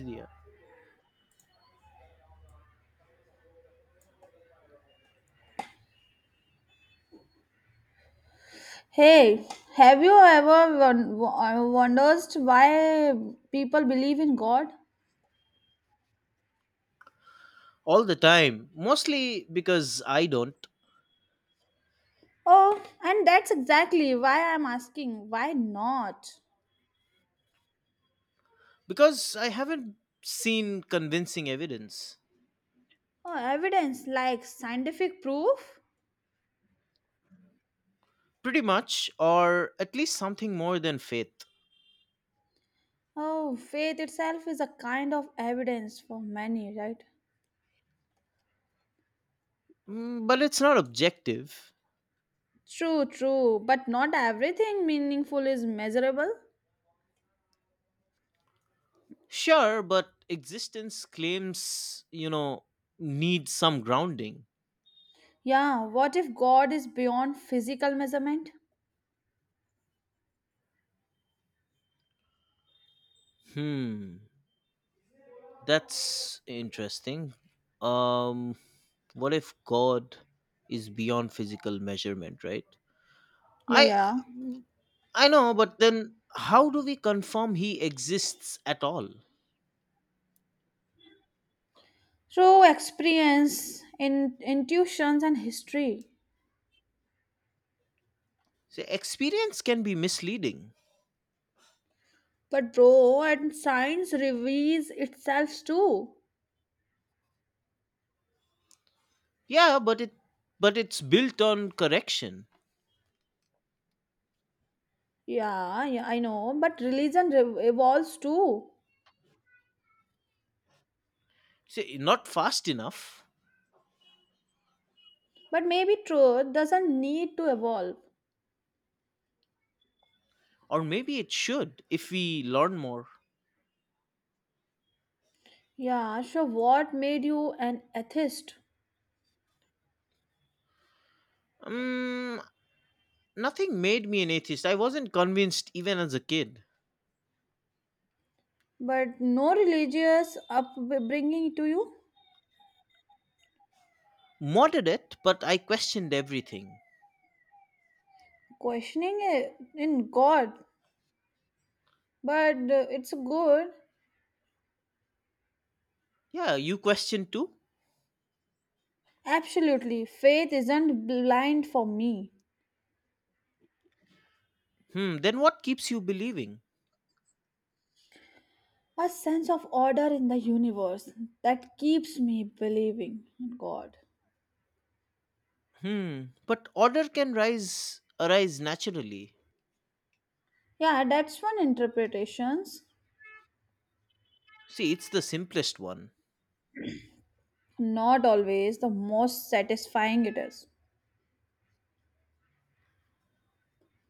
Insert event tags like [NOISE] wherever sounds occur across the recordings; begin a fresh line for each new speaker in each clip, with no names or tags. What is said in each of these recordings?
Easier
Hey, have you ever wondered why people believe in God?
all the time, mostly because I don't,
Oh, and that's exactly why I'm asking why not?
because I haven't seen convincing evidence.
Oh, evidence like scientific proof?
Pretty much, or at least something more than faith.
Oh, faith itself is a kind of evidence for many, right?
Mm, but it's not objective.
True, true, but not everything meaningful is measurable.
Sure, but existence claims, you know need some grounding.
Yeah, what if God is beyond physical measurement?
Hmm, that's interesting. Um, what if God is beyond physical measurement, right?
Yeah,
I
yeah.
I know, but then how do we confirm he exists at all?
Through experience in intuitions and history,
See, experience can be misleading.
but bro, and science reveals itself too.
Yeah, but it's built on correction.
Yeah, yeah, I know, but religion evolves too.
See, not fast enough,
But maybe truth doesn't need to evolve.
or maybe it should if we learn more.
Yeah, so what made you an atheist?
Um, Nothing made me an atheist. I wasn't convinced even as a kid.
But no religious upbringing to you?
Moderate, but I questioned everything.
Questioning it in God, but it's good.
Yeah, you question too?
Absolutely, faith isn't blind for me.
Hmm, then what keeps you believing?
A sense of order in the universe that keeps me believing in God.
Hmm, but order can rise arise naturally.
Yeah, that's one interpretations.
See, it's the simplest one.
Not always the most satisfying it is.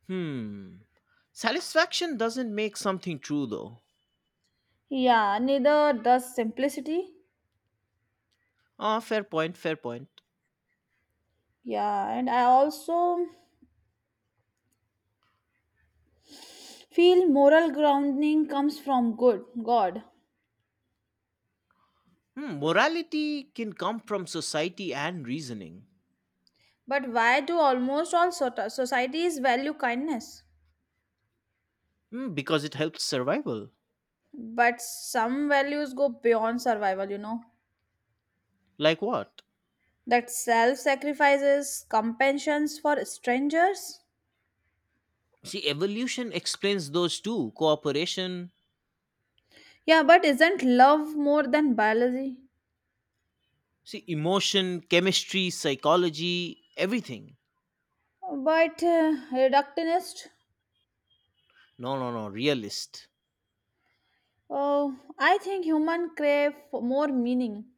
Hmm. Satisfaction doesn't make something true though.
Yeah, neither does simplicity.
Ah, fair point, fair point.
Yeah, and I also feel moral grounding comes from good God.
Hmm, morality can come from society and reasoning.
But why do almost all societies value kindness?
Hmm, because it helps survival.
But some values go beyond survival, you know.
Like what?
That self sacrifices compassions for strangers?
See, evolution explains those two, cooperation.
Yeah, but isn't love more than biology?
See, emotion, chemistry, psychology, everything.
But reductionist?
No, no, no, realist.
Oh, I think human crave for more meaning,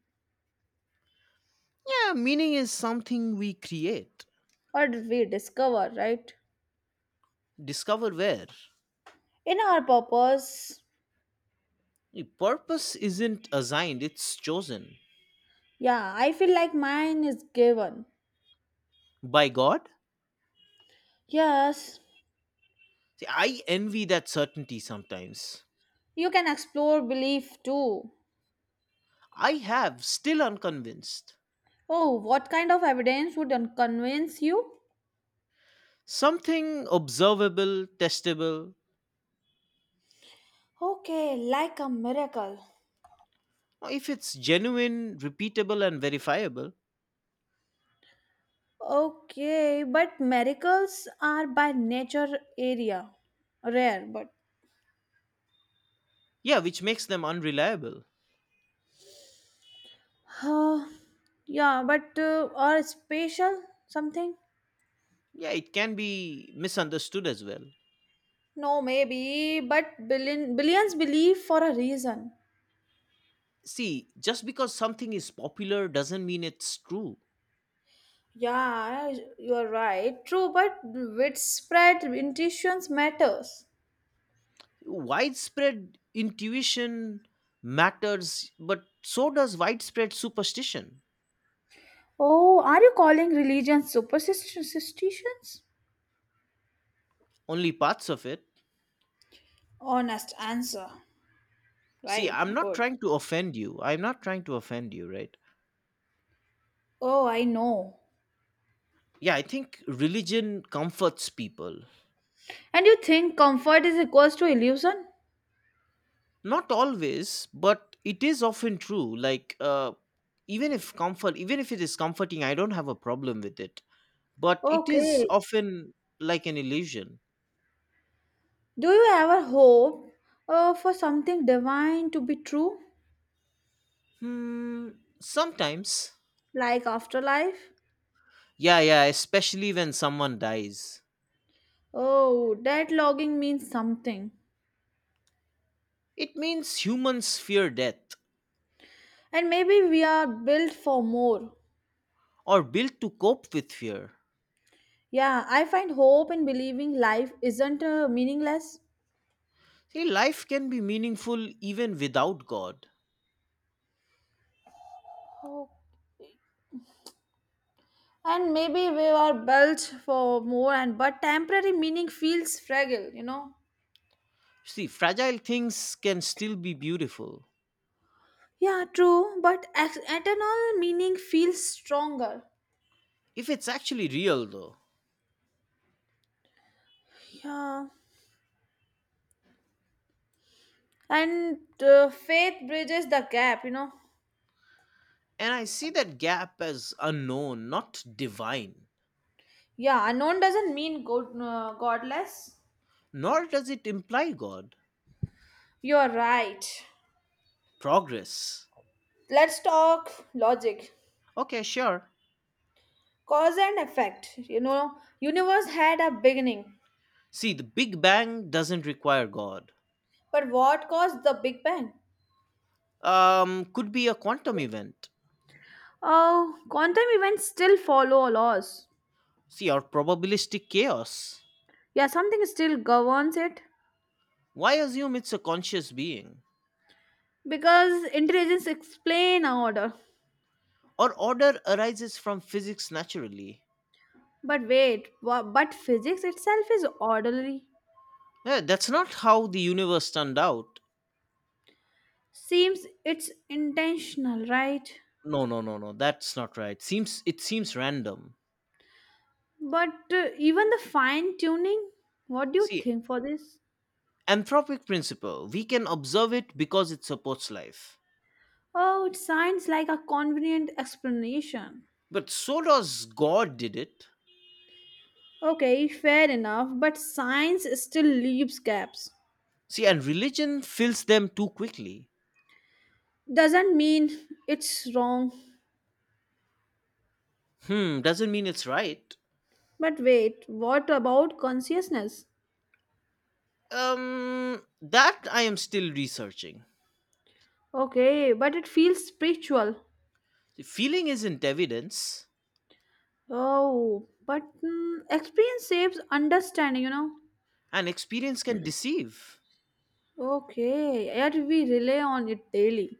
Yeah, meaning is something we create.
or we discover, right?
Discover where?
In our purpose,
The purpose isn't assigned, it's chosen
yeah, I feel like mine is given.
by God.
Yes,
See, I envy that certainty sometimes.
you can explore belief too.
I have, still unconvinced.
Oh, what kind of evidence would convince you?
Something observable, testable,
Okay, like a miracle.
or if it's genuine, repeatable, and verifiable.
Okay, but miracles are by nature area rare, but
Yeah, which makes them unreliable.
uh, yeah, but or special something?
Yeah, it can be misunderstood as well.
No, maybe, but billions believe for a reason.
See, just because something is popular doesn't mean it's true.
Yeah, you are right. True, but widespread intuitions matters.
Widespread intuition matters, but so does widespread superstition.
Oh, are you calling religion superstitions?
Only parts of it.
Honest answer.
See,
Right,
I'm not
good.
trying to offend you. I'm not trying to offend you, right?
Oh, I know.
Yeah, I think religion comforts people.
And you think comfort is equals to illusion?
Not always, but it is often true. Like, even if comfort, even if it is comforting, I don't have a problem with it. But it is
Okay.
often like an illusion.
Do you ever hope for something divine to be true,
Hmm, sometimes.
like afterlife?
Yeah, yeah, especially when someone dies.
Oh, that longing means something.
It means humans fear death,
And maybe we are built for more.
or built to cope with fear.
Yeah, I find hope in believing life isn't meaningless.
See, life can be meaningful even without God.
Oh. And maybe we are built for more, and but temporary meaning feels fragile, you know?
See, fragile things can still be beautiful
Yeah, true, but eternal meaning feels stronger.
if it's actually real, though.
Yeah, and faith bridges the gap, you know.
And I see that gap as unknown, not divine.
Yeah, unknown doesn't mean God, godless.
Nor does it imply God.
You're right.
Progress.
Let's talk logic,
Okay, sure.
cause and effect, you know. Universe had a beginning.
See, the Big Bang doesn't require God.
But what caused the big bang?
Could be a quantum event.
Oh, quantum events still follow laws.
See, or probabilistic chaos.
Yeah, something still governs it,
Why assume it's a conscious being?
because intelligence explain order.
Or order arises from physics naturally.
But wait, but physics itself is orderly.
Yeah, that's not how the universe turned out.
Seems it's intentional, right?
No, no, no, no. That's not right. Seems random.
But even the fine tuning, what do you
See,
think for this?
anthropic principle. We can observe it because it supports life.
Oh, it sounds like a convenient explanation.
But so does God did it.
Okay, fair enough, but science still leaves gaps.
See, and religion fills them too quickly.
Doesn't mean it's wrong.
Hmm, doesn't mean it's right.
But wait, what about consciousness?
That I am still researching.
Okay, but it feels spiritual.
The feeling isn't evidence,
Oh, but mm, experience saves understanding, you know.
and experience can deceive.
Okay, yet we rely on it daily.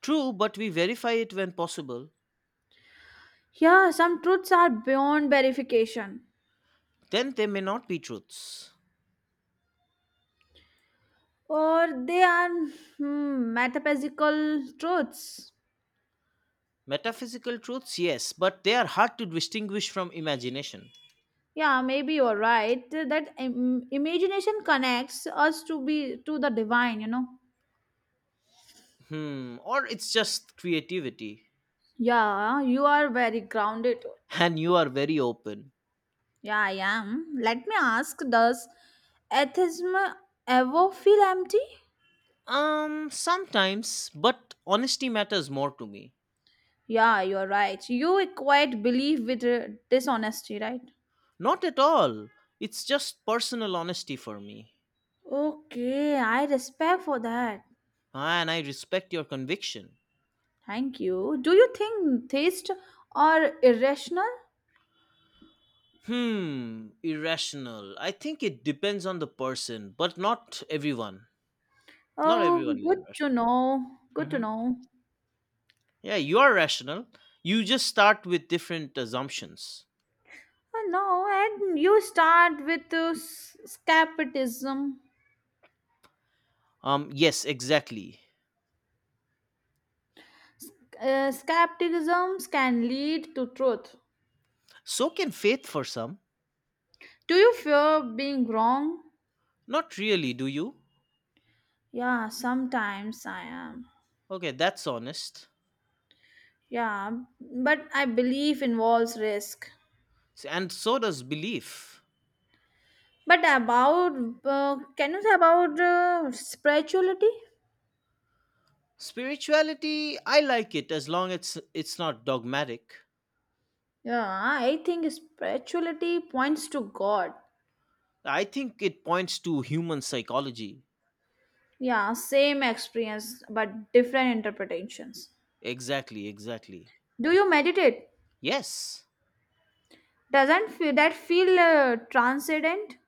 True, but we verify it when possible.
Yeah, some truths are beyond verification,
Then they may not be truths.
or they are hmm, metaphysical truths.
Metaphysical truths, yes, but they are hard to distinguish from imagination.
Yeah, maybe you're right that imagination connects us to be to the divine, you know.
Hmm, or it's just creativity.
Yeah, you are very grounded.
And you are very open.
Yeah, I am. Let me ask: does atheism ever feel empty?
Sometimes, but honesty matters more to me.
Yeah, you're right. You equate belief with dishonesty, right?
Not at all. It's just personal honesty for me.
Okay, I respect for that.
And I respect your conviction.
Thank you. Do you think taste are irrational?
Hmm, irrational. I think it depends on the person, but not everyone. Not everyone
Oh,
is
good to
irrational.
know. Good to
Hmm.
know.
Yeah, you are rational. You just start with different assumptions.
Oh, no, and you start with skepticism.
Yes, exactly.
Skepticism can lead to truth.
So can faith for some.
Do you fear being wrong?
Not really, do you?
Yeah, sometimes I am.
Okay, that's honest.
Yeah, but I believe involves risk.
And so does belief.
But about, can you say about spirituality?
Spirituality, I like it as long as it's not dogmatic.
Yeah, I think spirituality points to God.
I think it points to human psychology.
Yeah, same experience but different interpretations.
Exactly, exactly.
Do you meditate?
Yes.
Doesn't feel, that feel transcendent?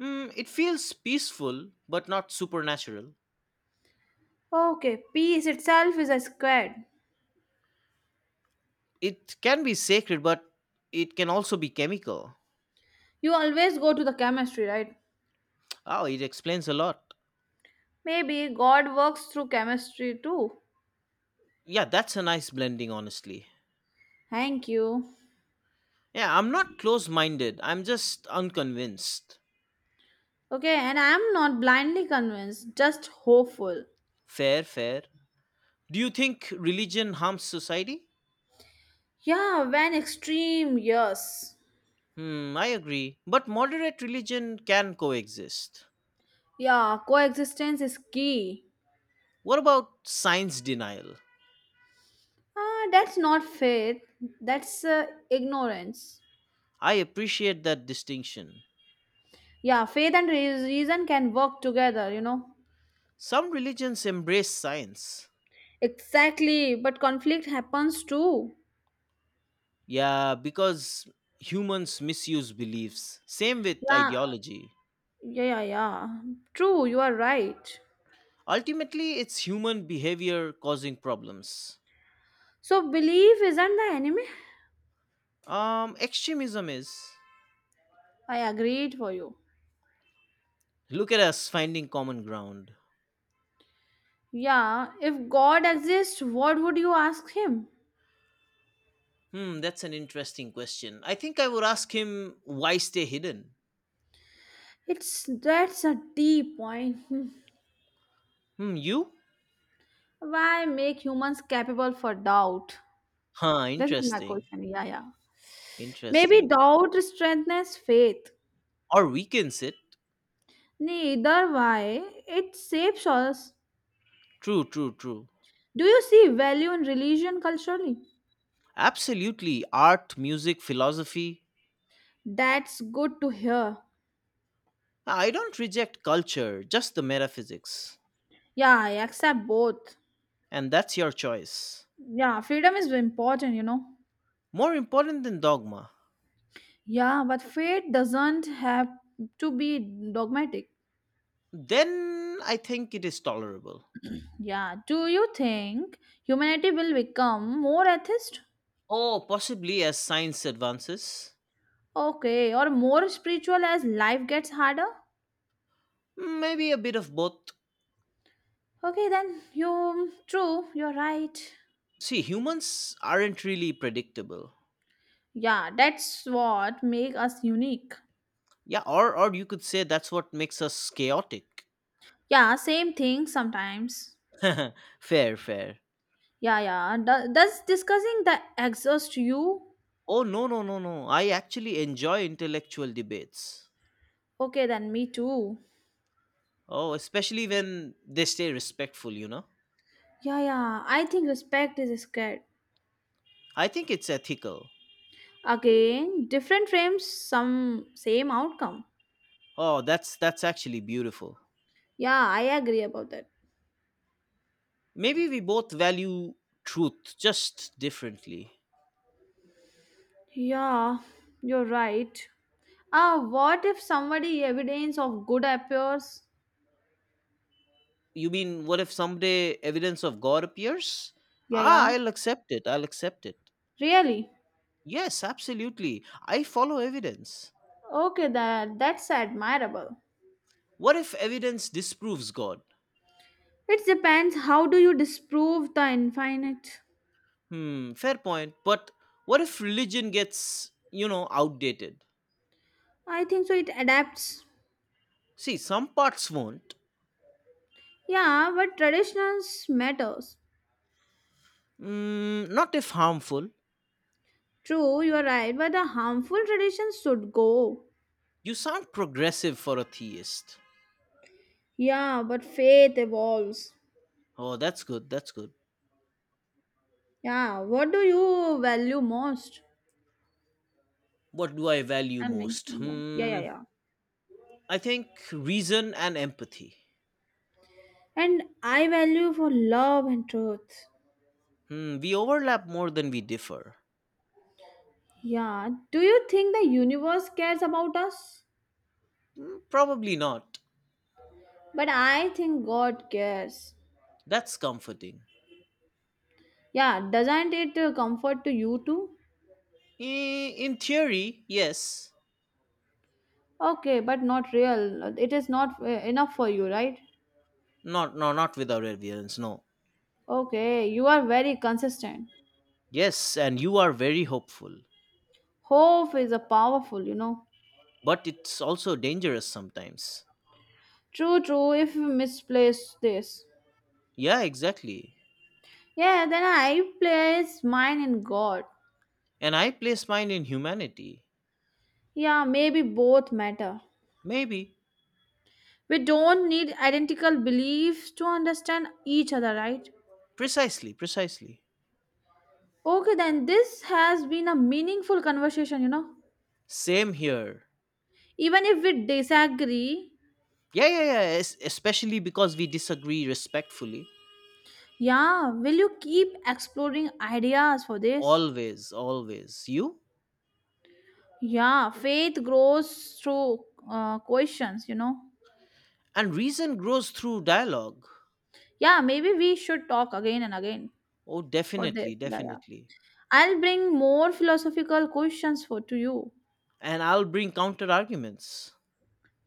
Mm, it feels peaceful, but not supernatural.
Okay, peace itself is a squared.
It can be sacred, but it can also be chemical.
You always go to the chemistry, right?
Oh, it explains a lot.
Maybe God works through chemistry too.
Yeah, that's a nice blending, honestly.
Thank you.
Yeah, I'm not close minded, I'm just unconvinced.
Okay, and I am not blindly convinced, just hopeful.
Fair, fair. Do you think religion harms society?
Yeah, when extreme, yes.
Hmm, I agree. But moderate religion can coexist.
Yeah, coexistence is key.
What about science denial?
Ah, that's not faith. That's ignorance.
I appreciate that distinction.
Yeah, faith and reason can work together, you know.
Some religions embrace science.
Exactly, but conflict happens too.
Yeah, because humans misuse beliefs. Same with
Yeah,
ideology.
yeah, yeah, yeah. True, you are right.
Ultimately, it's human behavior causing problems.
So, belief isn't the enemy?
Extremism is.
I agreed for you.
Look at us finding common ground.
Yeah, if God exists, what would you ask Him?
Hmm, that's an interesting question. I think I would ask him why stay hidden.
It's that's a deep point. [LAUGHS]
Hmm, you?
Why make humans capable for doubt?
Huh,
This is my
interesting.
question. Yeah, yeah. Maybe
Interesting.
doubt strengthens faith.
Or weakens it.
Neither way, it shapes us.
True, true, true.
Do you see value in religion culturally?
Absolutely. Art, music, philosophy.
That's good to hear.
I don't reject culture, just the metaphysics.
Yeah, I accept both.
And that's your choice.
Yeah, freedom is important, you know.
More important than dogma.
Yeah, but faith doesn't have to be dogmatic.
Then I think it is tolerable.
Yeah, do you think humanity will become more atheist?
Oh, possibly as science advances,
Okay, or more spiritual as life gets harder?
maybe a bit of both.
Okay, then you true, you're right.
See, humans aren't really predictable.
Yeah, that's what make us unique.
Yeah, or you could say that's what makes us chaotic.
Yeah, same thing sometimes.
[LAUGHS] Fair, fair.
Yeah, yeah. Does discussing the exhaust you?
Oh, no, no, no, no. I actually enjoy intellectual debates.
Okay, then me too.
Oh, especially when they stay respectful, you know?
Yeah, yeah. I think respect is scared.
I think it's ethical.
Again, different frames, some same outcome.
Oh, that's actually beautiful.
Yeah, I agree about that.
Maybe we both value truth just differently.
Yeah, you're right. Ah, what if somebody evidence of good appears?
You mean what if someday evidence of God appears?
Yeah,
Ah,
yeah.
I'll accept it. I'll accept it.
Really?
Yes, absolutely. I follow evidence.
Okay, that that's admirable.
What if evidence disproves God?
It depends how do you disprove the infinite?
Hmm, fair point. But what if religion gets, you know, outdated?
I think so it adapts.
See, some parts won't.
Yeah, but traditions matters.
Mm, not if harmful.
True, you are right, but the harmful traditions should go.
You sound progressive for a theist.
Yeah, but faith evolves.
Oh, that's good. That's good.
Yeah, what do you value most?
What do I value
Tell me.
most?
Yeah, yeah, yeah,
Hmm,
yeah.
I think reason and empathy.
And I value for love and truth.
Hmm, we overlap more than we differ.
Yeah, do you think the universe cares about us?
Hmm, probably not.
But I think God cares.
That's comforting.
Yeah, doesn't it comfort to you too?
Eh, in theory, yes.
Okay, but not real. It is not enough for you, right?
Not, No, not without evidence. No.
Okay, you are very consistent.
Yes, and you are very hopeful,
Hope is a powerful, you know.
but it's also dangerous sometimes.
True, true. If you misplace this,
Yeah, exactly.
yeah, then I place mine in God.
And I place mine in humanity.
Yeah, maybe both matter.
Maybe.
We don't need identical beliefs to understand each other, right?
Precisely, precisely.
Okay, then this has been a meaningful conversation, you know.
Same here.
Even if we disagree,
Yeah, yeah, yeah. Especially because we disagree respectfully.
yeah, will you keep exploring ideas for this?
Always, always. You?
Yeah, faith grows through questions, you know.
And reason grows through dialogue.
Yeah, maybe we should talk again and again
Oh,
for this.
definitely,
Yeah, yeah.
definitely.
I'll bring more philosophical questions for to you.
And I'll bring counter arguments.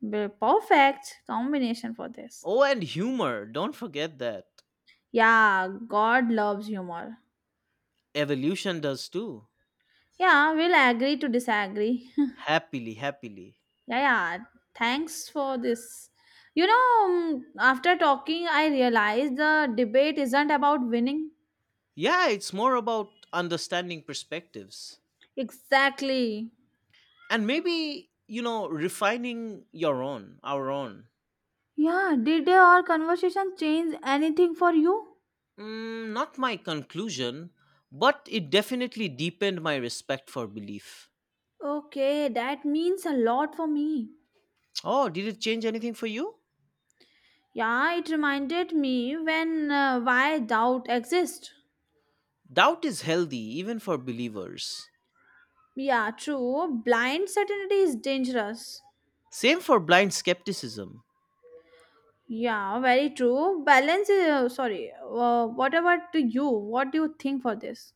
Perfect combination for this.
Oh, and humor. Don't forget that.
Yeah, God loves humor.
Evolution does too.
Yeah, we'll agree to disagree. [LAUGHS]
Happily, happily.
Yeah, yeah. Thanks for this. You know, after talking, I realized the debate isn't about winning.
Yeah, it's more about understanding perspectives.
Exactly.
And maybe, you know, refining our own.
Yeah, did our conversation change anything for you?
Mm, not my conclusion, but it definitely deepened my respect for belief.
Okay, that means a lot for me.
Oh, did it change anything for you?
Yeah, it reminded me when why doubt exists.
Doubt is healthy, even for believers.
Yeah, true. Blind certainty is dangerous.
Same for blind skepticism.
Yeah, very true. Balance is sorry. What about to you? What do you think for this?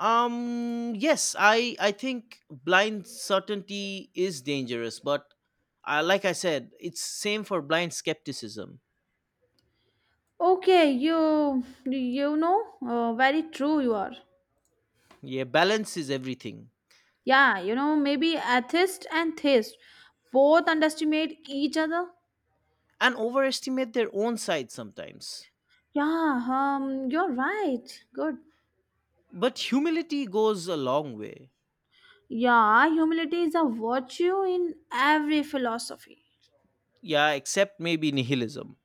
Yes, I think blind certainty is dangerous, but like I said, it's same for blind skepticism.
Okay, you know, very true you are.
Yeah, balance is everything.
Yeah, you know, maybe atheist and theist both underestimate each other.
And overestimate their own side sometimes.
Yeah, you're right. Good.
But humility goes a long way.
Yeah, humility is a virtue in every philosophy.
Yeah, except maybe nihilism.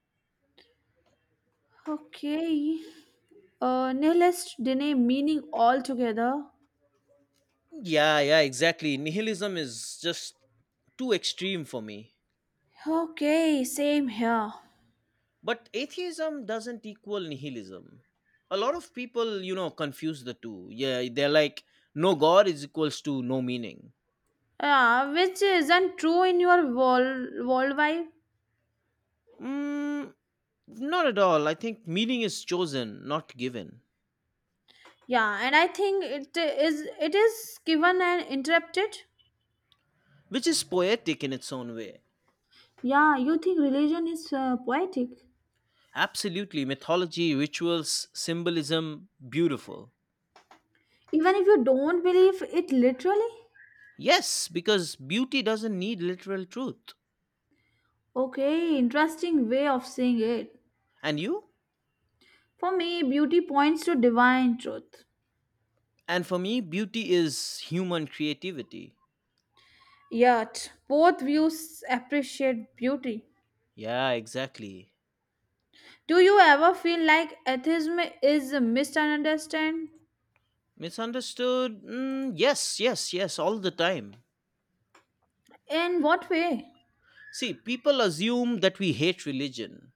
Okay. Nihilist deny meaning altogether.
Yeah, yeah, exactly. Nihilism is just too extreme for me.
Okay, same here.
But atheism doesn't equal nihilism. A lot of people, you know, confuse the two. Yeah, they're like, no God is equals to no meaning.
Yeah, which isn't true in your world.
Mm, not at all. I think meaning is chosen, not given,
Yeah, and I think it is given and interrupted.
which is poetic in its own way.
Yeah, you think religion is poetic,
Absolutely. Mythology, rituals, symbolism, beautiful.
even if you don't believe it literally.
Yes, because beauty doesn't need literal truth.
Okay, interesting way of saying it.
And you?
For me, beauty points to divine truth.
And for me, beauty is human creativity.
Yet, both views appreciate beauty.
Yeah, exactly.
Do you ever feel like atheism is misunderstood?
Misunderstood? Mm, yes, yes, yes, all the time.
In what way?
See, people assume that we hate religion.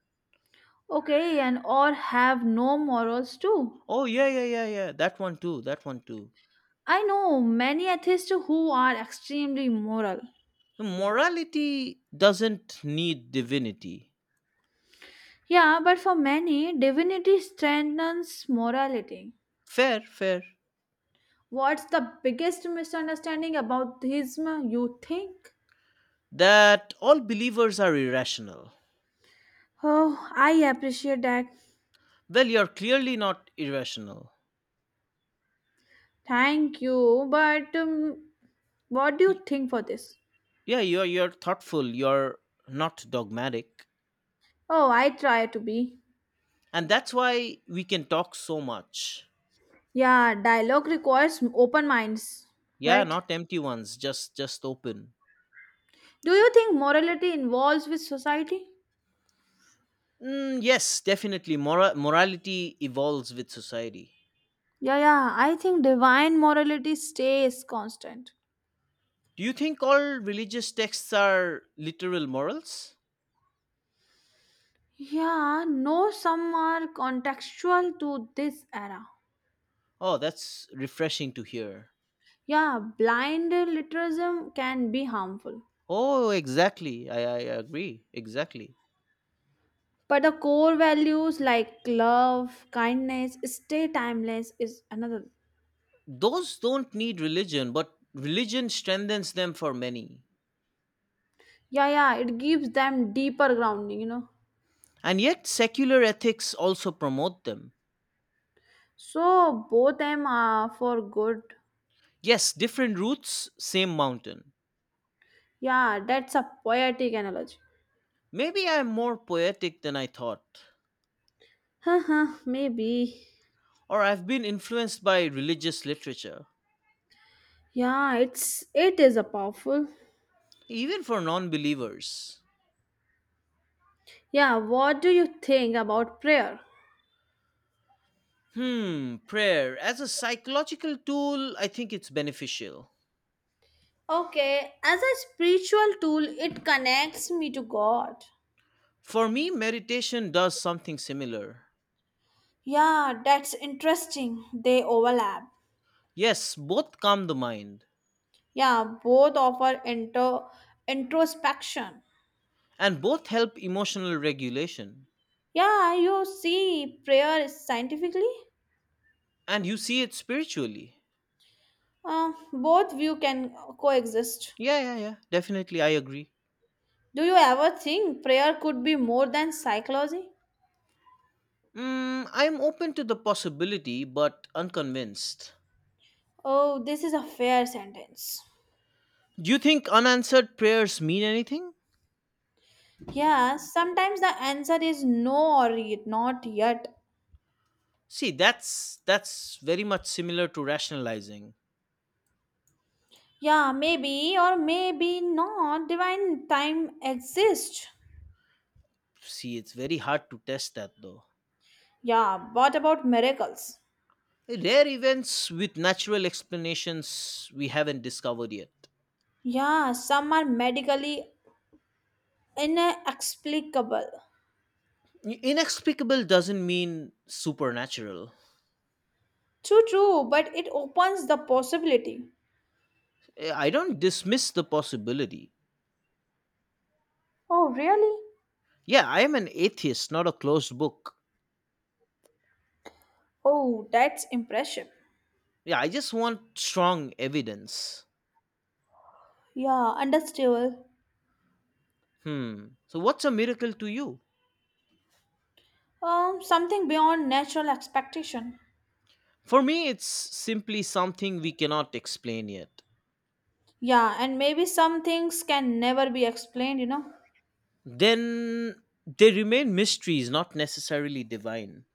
Okay, and or have no morals too.
Oh, yeah, yeah, yeah, yeah, that one too, that one too.
I know many atheists who are extremely moral.
So, morality doesn't need divinity.
Yeah, but for many, divinity strengthens morality.
Fair, fair.
What's the biggest misunderstanding about theism, you think?
That all believers are irrational.
Oh, I appreciate that.
Well, you're clearly not irrational.
Thank you, but what do you
Y-
think for this?
Yeah, you're thoughtful, you're not dogmatic.
Oh, I try to be.
And that's why we can talk so much.
Yeah, dialogue requires open minds,
Yeah,
right?
not empty ones, just open.
Do you think morality involves with society?
Mm, yes, definitely. Morality evolves with society.
Yeah, yeah, I think divine morality stays constant.
Do you think all religious texts are literal morals?
Yeah, no, some are contextual to this era.
Oh, that's refreshing to hear.
Yeah, blind literalism can be harmful.
Oh, exactly. I agree exactly.
But the core values like love, kindness, stay timeless is another.
Those don't need religion, but religion strengthens them for many.
Yeah, yeah, it gives them deeper grounding, you know.
And yet secular ethics also promote them.
So both them are for good.
Yes, different routes, same mountain.
Yeah, that's a poetic analogy.
Maybe I'm more poetic than I thought,
Haha, maybe.
or I've been influenced by religious literature,
Yeah, it's it is a powerful.
even for non believers.
Yeah, what do you think about prayer?
Hmm, prayer. As a psychological tool, I think it's beneficial.
Okay, as a spiritual tool, it connects me to God.
For me, meditation does something similar.
Yeah, that's interesting. They overlap.
Yes, both calm the mind,
Yeah, both offer introspection.
and both help emotional regulation.
Yeah, you see prayer scientifically?
And you see it spiritually.
Both view can coexist.
Yeah, yeah, yeah, definitely, I agree.
Do you ever think prayer could be more than psychology?
Mm, I'm open to the possibility, but unconvinced.
Oh, this is a fair sentence.
Do you think unanswered prayers mean anything?
Yeah, sometimes the answer is no or not yet.
See, that's very much similar to rationalizing.
Yeah, maybe or maybe not. Divine time exists.
See, it's very hard to test that though.
Yeah, what about miracles?
Rare events with natural explanations we haven't discovered yet.
Yeah, some are medically inexplicable.
Inexplicable doesn't mean supernatural.
True, true, but it opens the possibility.
Eh, I don't dismiss the possibility.
Oh, really?
Yeah, I am an atheist, not a closed book.
Oh, that's impressive.
Yeah, I just want strong evidence.
Yeah, understable.
Hmm. So, what's a miracle to you?
Something beyond natural expectation.
For me, it's simply something we cannot explain yet.
Yeah, and maybe some things can never be explained, you know.
Then they remain mysteries, not necessarily divine.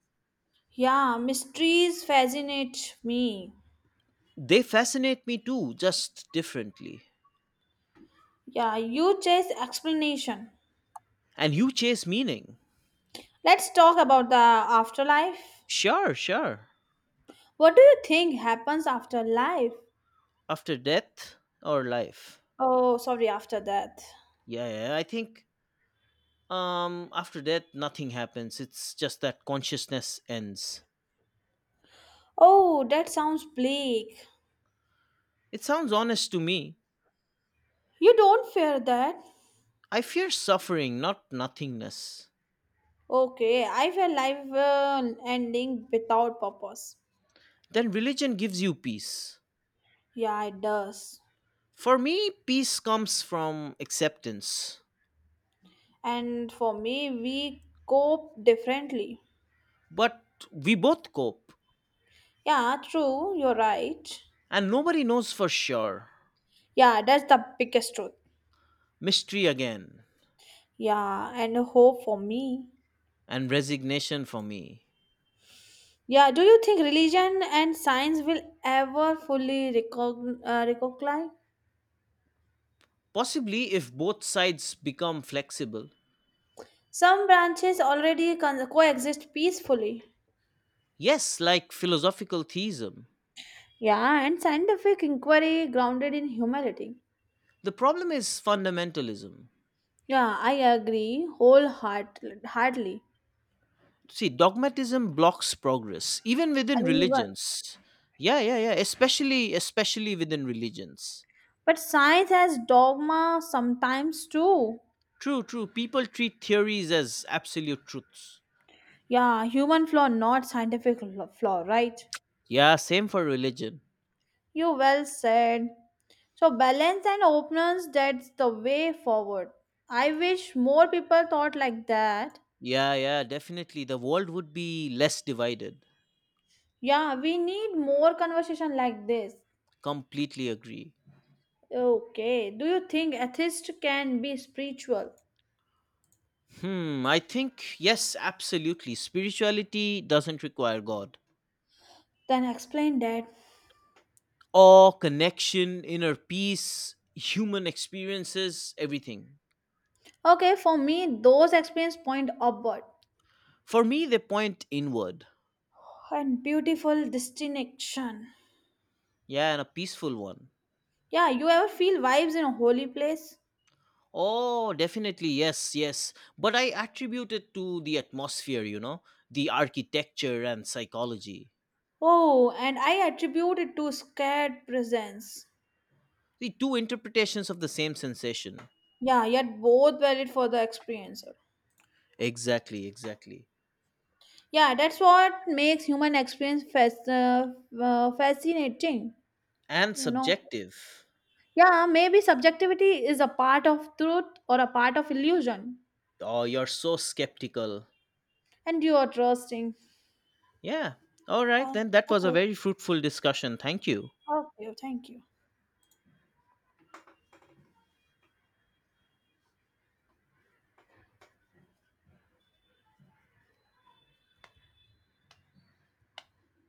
Yeah, mysteries fascinate me.
They fascinate me too, just differently.
Yeah, you chase explanation.
And you chase meaning.
Let's talk about the afterlife.
Sure, sure.
What do you think happens after life?
After death or life.
Oh, sorry, after death.
Yeah, yeah. I think after death nothing happens. It's just that consciousness ends.
Oh, that sounds bleak.
It sounds honest to me.
You don't fear that.
I fear suffering, not nothingness.
Okay, I feel life ending without purpose.
Then religion gives you peace.
Yeah, it does.
For me, peace comes from acceptance,
And for me we cope differently.
but we both cope,
Yeah, true, you're right.
and nobody knows for sure.
Yeah, that's the biggest truth.
Mystery again,
Yeah, and hope for me.
and resignation for me.
Yeah, do you think religion and science will ever fully reconcile?
Possibly if both sides become flexible.
Some branches already coexist peacefully.
Yes, like philosophical theism.
Yeah, and scientific inquiry grounded in humility.
The problem is fundamentalism.
Yeah, I agree wholeheartedly.
See, dogmatism blocks progress, even within
And even,
religions. Yeah, yeah, yeah, especially within religions.
but science has dogma sometimes too.
True, true. People treat theories as absolute truths.
Yeah, human flaw, not scientific flaw, right?
Yeah, same for religion.
You well said. So, balance and openness, that's the way forward. I wish more people thought like that.
Yeah, yeah, definitely. The world would be less divided.
Yeah, we need more conversation like this.
Completely agree.
Okay, do you think atheist can be spiritual?
Hmm, I think, yes, absolutely. Spirituality doesn't require God.
Then explain that.
Awe, connection, inner peace, human experiences, everything.
Okay, for me, those experience point upward
For me, they point inward.
and beautiful distinction.
Yeah, and a peaceful one.
Yeah, you ever feel vibes in a holy place?
Oh, definitely, yes, yes. But I attribute it to the atmosphere, you know, the architecture and psychology.
Oh, and I attribute it to scared presence.
The two interpretations of the same sensation.
Yeah, yet both valid for the experiencer.
Exactly, exactly.
Yeah, that's what makes human experience fascinating,
And
you know.
subjective.
Yeah, maybe subjectivity is a part of truth or a part of illusion,
Oh, you're so skeptical.
and you are trusting.
Yeah. All right,
Uh,
then that was a
okay,
very fruitful discussion. Thank you.
okay, thank you.